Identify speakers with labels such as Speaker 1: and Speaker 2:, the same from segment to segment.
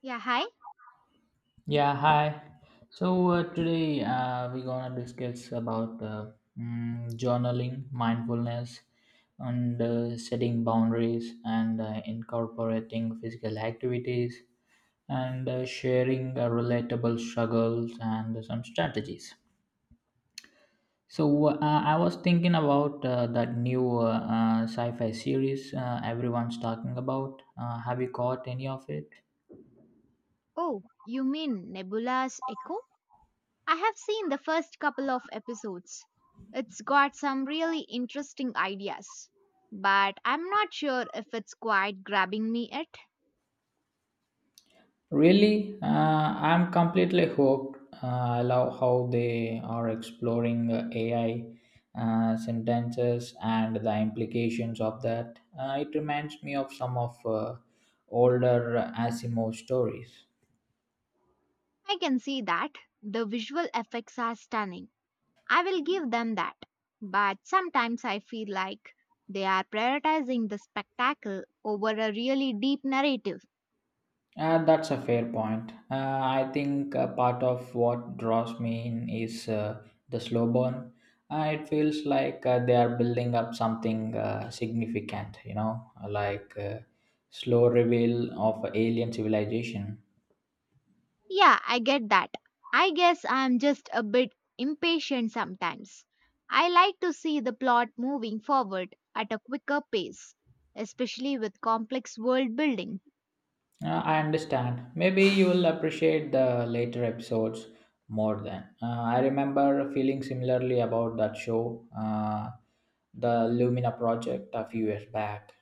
Speaker 1: Yeah, hi.
Speaker 2: Yeah, hi. So today we're gonna discuss about journaling, mindfulness, and setting boundaries, and incorporating physical activities, and sharing relatable struggles and some strategies. So I was thinking about that new sci-fi series everyone's talking about. Have you caught any of it?
Speaker 1: Oh, you mean Nebula's Echo? I have seen the first couple of episodes. It's got some really interesting ideas, but I'm not sure if it's quite grabbing me yet.
Speaker 2: Really, I'm completely hooked. I love how they are exploring AI sentences and the implications of that. It reminds me of some of older Asimov stories.
Speaker 1: I can see that. The visual effects are stunning. I will give them that. But sometimes I feel like they are prioritizing the spectacle over a really deep narrative.
Speaker 2: That's a fair point. I think part of what draws me in is the slow burn. It feels like they are building up something significant, like slow reveal of alien civilization.
Speaker 1: Yeah, I get that. I guess I'm just a bit impatient sometimes. I like to see the plot moving forward at a quicker pace, especially with complex world building.
Speaker 2: I understand. Maybe you will appreciate the later episodes more than. I remember feeling similarly about that show, the Lumina Project, a few years back.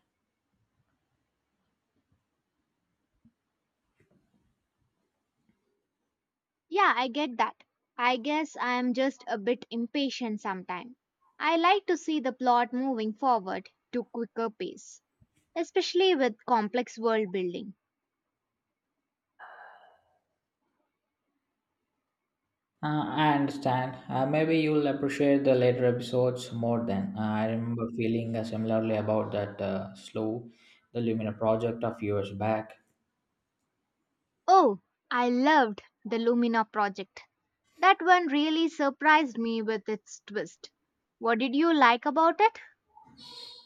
Speaker 1: Yeah, I get that. I guess I'm just a bit impatient sometimes. I like to see the plot moving forward to quicker pace, especially with complex world building.
Speaker 2: I understand. Maybe you'll appreciate the later episodes more then. I remember feeling similarly about the Lumina project of years back.
Speaker 1: Oh, I loved the Lumina project. That one really surprised me with its twist. What did you like about it?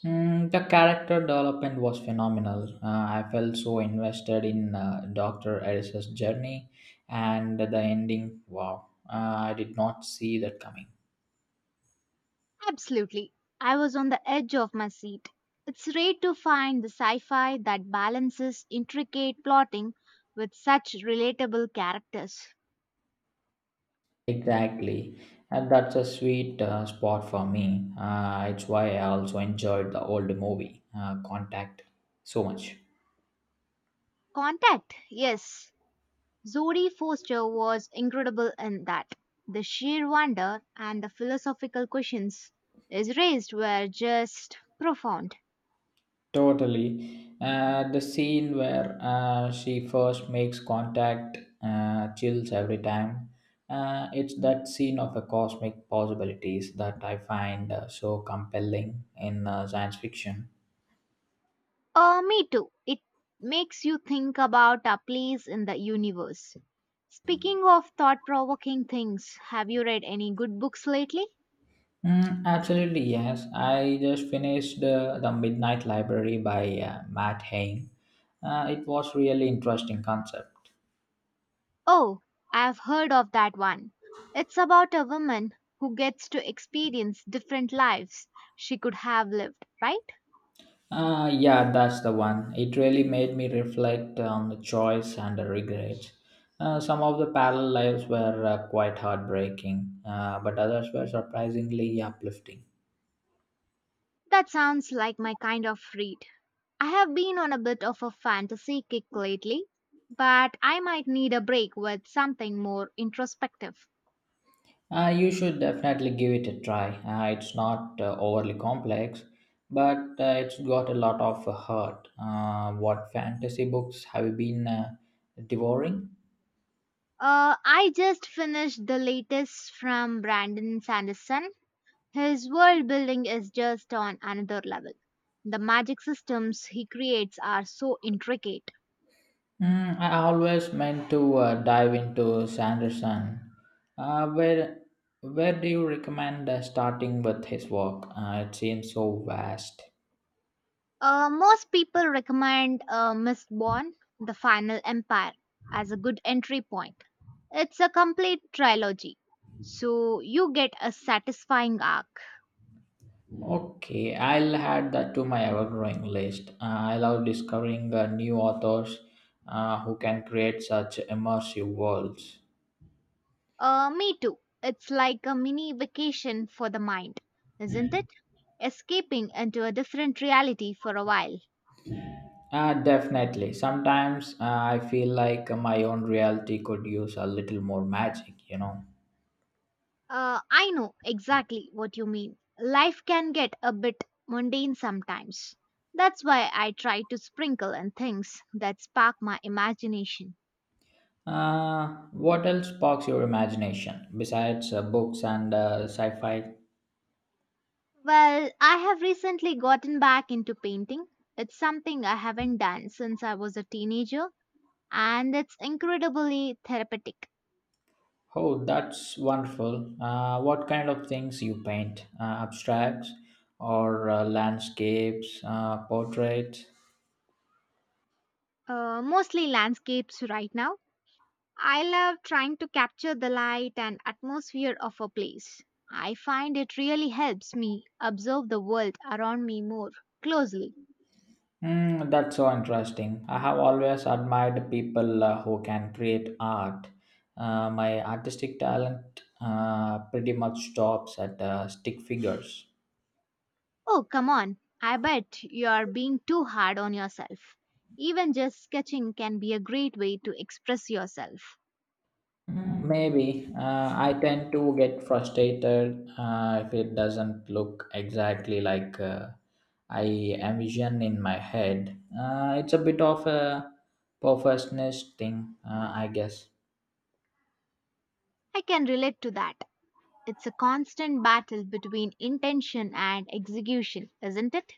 Speaker 2: The character development was phenomenal. I felt so invested in Dr. Eris's journey and the ending. Wow, uh, I did not see that coming.
Speaker 1: Absolutely. I was on the edge of my seat. It's rare to find the sci fi that balances intricate plotting with such relatable characters.
Speaker 2: Exactly. And that's a sweet spot for me. It's why I also enjoyed the old movie, Contact, so much.
Speaker 1: Contact, yes. Zodie Foster was incredible in that. The sheer wonder and the philosophical questions is raised were just profound.
Speaker 2: Totally. The scene where she first makes contact chills every time. It's that scene of a cosmic possibilities that I find so compelling in science fiction.
Speaker 1: Me too. It makes you think about our place in the universe. Speaking of thought provoking things, have you read any good books lately?
Speaker 2: Absolutely, yes. I just finished The Midnight Library by Matt Haig. It was really interesting concept.
Speaker 1: Oh, I've heard of that one. It's about a woman who gets to experience different lives she could have lived, right?
Speaker 2: Yeah, that's the one. It really made me reflect on the choice and the regrets. Some of the parallel lives were quite heartbreaking, but others were surprisingly uplifting.
Speaker 1: That sounds like my kind of read. I have been on a bit of a fantasy kick lately, but I might need a break with something more introspective.
Speaker 2: You should definitely give it a try. It's not overly complex, but it's got a lot of heart. What fantasy books have you been devouring?
Speaker 1: I just finished the latest from Brandon Sanderson. His world building is just on another level. The magic systems he creates are so intricate.
Speaker 2: I always meant to dive into Sanderson. Uh, where where do you recommend starting with his work? It seems so vast.
Speaker 1: Most people recommend Mistborn, The Final Empire, as a good entry point. It's a complete trilogy, so you get a satisfying arc.
Speaker 2: Okay, I'll add that to my ever-growing list. I love discovering new authors who can create such immersive worlds.
Speaker 1: Me too. It's like a mini vacation for the mind, isn't it? Escaping into a different reality for a while.
Speaker 2: Definitely. Sometimes I feel like my own reality could use a little more magic.
Speaker 1: I know exactly what you mean. Life can get a bit mundane sometimes. That's why I try to sprinkle in things that spark my imagination.
Speaker 2: What else sparks your imagination besides books and sci-fi?
Speaker 1: Well, I have recently gotten back into painting. It's something I haven't done since I was a teenager, and it's incredibly therapeutic.
Speaker 2: Oh, that's wonderful. What kind of things you paint? Abstracts or landscapes, portraits?
Speaker 1: Mostly landscapes right now. I love trying to capture the light and atmosphere of a place. I find it really helps me observe the world around me more closely.
Speaker 2: That's so interesting. I have always admired people who can create art. My artistic talent pretty much stops at stick figures.
Speaker 1: Oh, come on. I bet you are being too hard on yourself. Even just sketching can be a great way to express yourself.
Speaker 2: Maybe, I tend to get frustrated if it doesn't look exactly like I envision in my head. It's a bit of a perfectionist thing, I guess.
Speaker 1: I can relate to that. It's a constant battle between intention and execution, isn't it?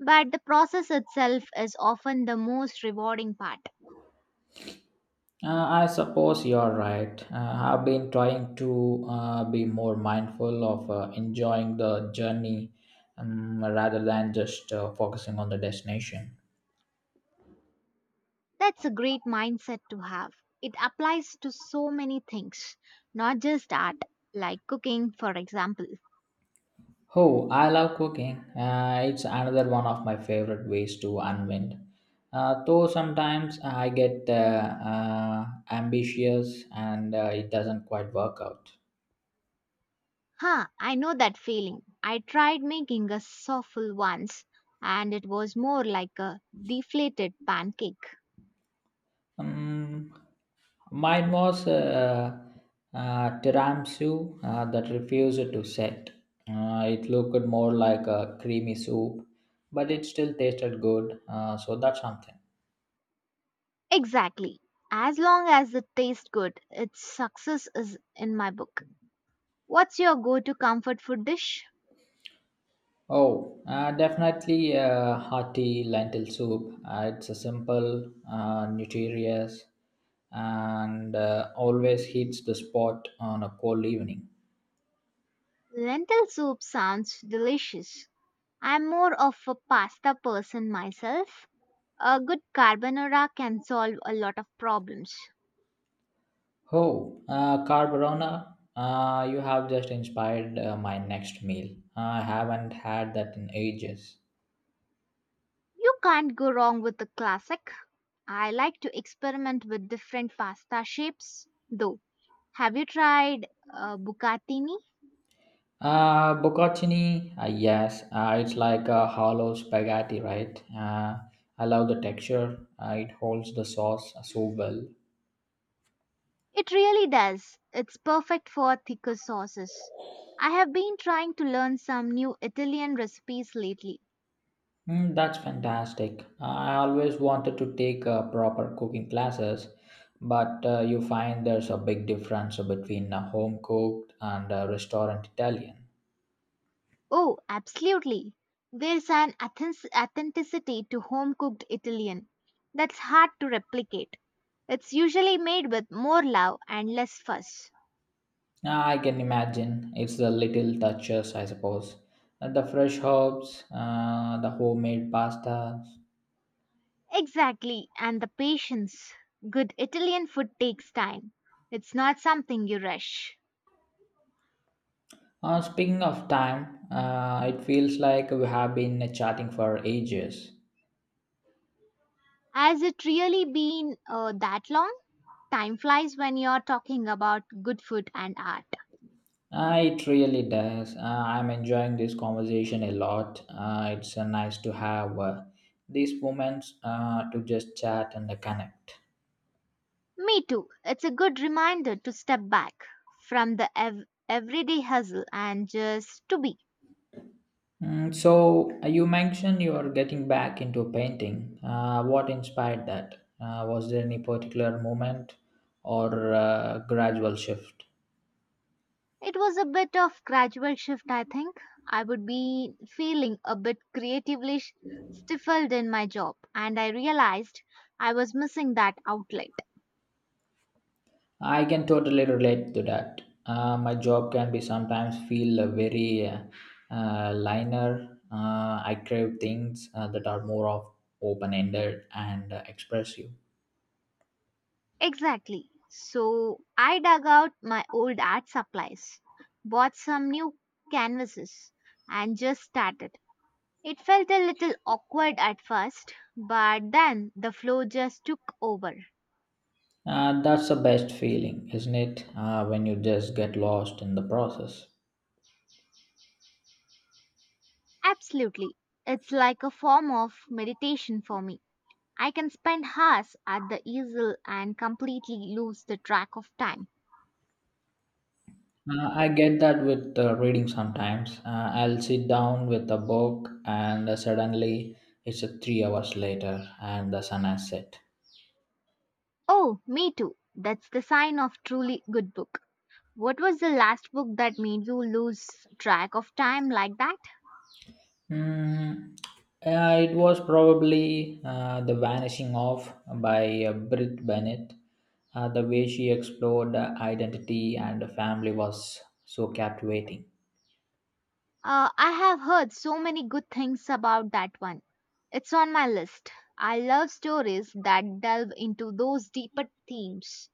Speaker 1: But the process itself is often the most rewarding part.
Speaker 2: I suppose you're right. I've been trying to be more mindful of enjoying the journey rather than just focusing on the destination.
Speaker 1: That's a great mindset to have. It applies to so many things, not just art, like cooking, for example.
Speaker 2: Oh, I love cooking. It's another one of my favorite ways to unwind. Though sometimes I get uh, ambitious and it doesn't quite work out.
Speaker 1: Huh, I know that feeling. I tried making a souffle once, and it was more like a deflated pancake.
Speaker 2: Um, Mine was tiramisu that refused to set. It looked more like a creamy soup, but it still tasted good, so that's something.
Speaker 1: Exactly. As long as it tastes good, its success is in my book. What's your go to comfort food dish?
Speaker 2: Oh, definitely hearty lentil soup. It's a simple, nutritious, and always hits the spot on a cold evening.
Speaker 1: Lentil soup sounds delicious. I'm more of a pasta person myself. A good carbonara can solve a lot of problems.
Speaker 2: Oh, carbonara! You have just inspired my next meal. I haven't had that in ages.
Speaker 1: You can't go wrong with the classic. I like to experiment with different pasta shapes, though. Have you tried bucatini?
Speaker 2: Bocconcini, yes, it's like a hollow spaghetti, right? I love the texture. It holds the sauce so well.
Speaker 1: It really does. It's perfect for thicker sauces. I have been trying to learn some new Italian recipes lately.
Speaker 2: That's fantastic. I always wanted to take proper cooking classes, but you find there's a big difference between home cooked and restaurant Italian.
Speaker 1: Oh, absolutely. There's an authenticity to home cooked Italian that's hard to replicate. It's usually made with more love and less fuss.
Speaker 2: I can imagine it's the little touches, I suppose. The fresh herbs, the homemade pastas.
Speaker 1: Exactly, and the patience. Good Italian food takes time. It's not something you rush.
Speaker 2: Speaking of time, it feels like we have been chatting for ages.
Speaker 1: Has it really been that long? Time flies when you're talking about good food and art.
Speaker 2: It really does. I'm enjoying this conversation a lot. It's nice to have these moments to just chat and connect.
Speaker 1: Me too. It's a good reminder to step back from the everyday hustle and just to be.
Speaker 2: So, you mentioned you are getting back into painting. What inspired that? Was there any particular moment or gradual shift?
Speaker 1: It was a bit of gradual shift, I think. I would be feeling a bit creatively stifled in my job, and I realized I was missing that outlet.
Speaker 2: I can totally relate to that. My job can be sometimes feel very linear. I crave things that are more of open-ended and expressive.
Speaker 1: Exactly. So I dug out my old art supplies, bought some new canvases, and just started. It felt a little awkward at first, but then the flow just took over.
Speaker 2: That's the best feeling, isn't it? When you just get lost in the process.
Speaker 1: Absolutely. It's like a form of meditation for me. I can spend hours at the easel and completely lose the track of time.
Speaker 2: I get that with reading sometimes. I'll sit down with a book and suddenly it's 3 hours later and the sun has set.
Speaker 1: Oh, me too. That's the sign of truly good book. What was the last book that made you lose track of time like that?
Speaker 2: Mm, yeah, it was probably The Vanishing of by Britt Bennett. The way she explored identity and family was so captivating.
Speaker 1: I have heard so many good things about that one. It's on my list. I love stories that delve into those deeper themes.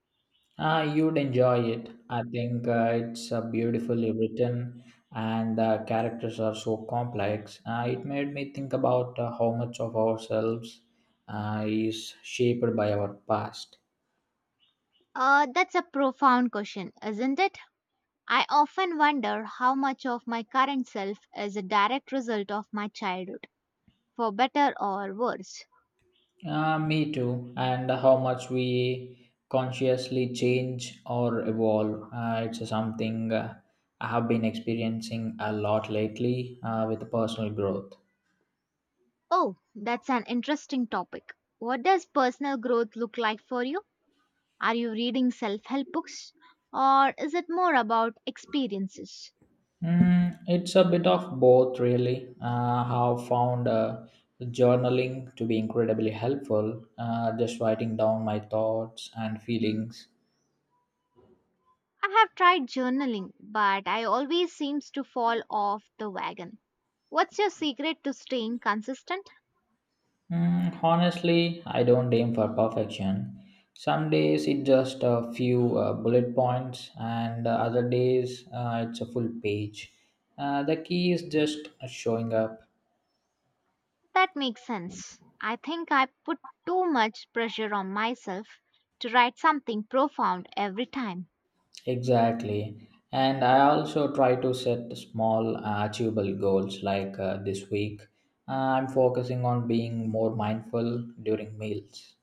Speaker 2: You'd enjoy it. I think it's beautifully written and the characters are so complex. It made me think about how much of ourselves is shaped by our past.
Speaker 1: That's a profound question, isn't it? I often wonder how much of my current self is a direct result of my childhood, for better or worse.
Speaker 2: Me too. And how much we consciously change or evolve. It's something I have been experiencing a lot lately with personal growth.
Speaker 1: Oh, that's an interesting topic. What does personal growth look like for you? Are you reading self help books? Or is it more about experiences?
Speaker 2: It's a bit of both, really. I have found journaling to be incredibly helpful, just writing down my thoughts and feelings.
Speaker 1: I have tried journaling, but I always seems to fall off the wagon. What's your secret to staying consistent?
Speaker 2: Honestly, I don't aim for perfection. Some days it's just a few bullet points, and other days it's a full page. The key is just showing up.
Speaker 1: That makes sense. I think I put too much pressure on myself to write something profound every time.
Speaker 2: Exactly. And I also try to set small, achievable goals like this week. I'm focusing on being more mindful during meals.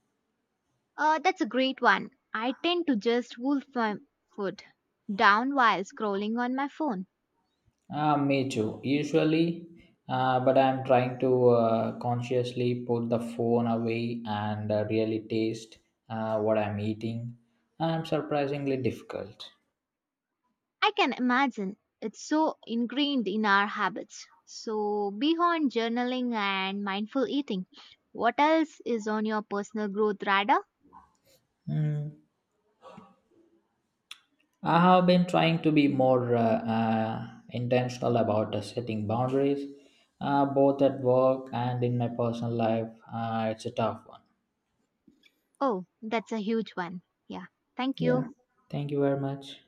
Speaker 1: That's a great one. I tend to just wolf my food down while scrolling on my phone.
Speaker 2: Me too. Usually, but I'm trying to consciously put the phone away and really taste what I'm eating. I'm surprisingly difficult.
Speaker 1: I can imagine it's so ingrained in our habits. So, beyond journaling and mindful eating, what else is on your personal growth radar?
Speaker 2: Hmm. I have been trying to be more intentional about setting boundaries, both at work and in my personal life. It's a tough one.
Speaker 1: Oh, that's a huge one. Yeah. Thank
Speaker 2: Yeah.
Speaker 1: you.
Speaker 2: Thank you very much.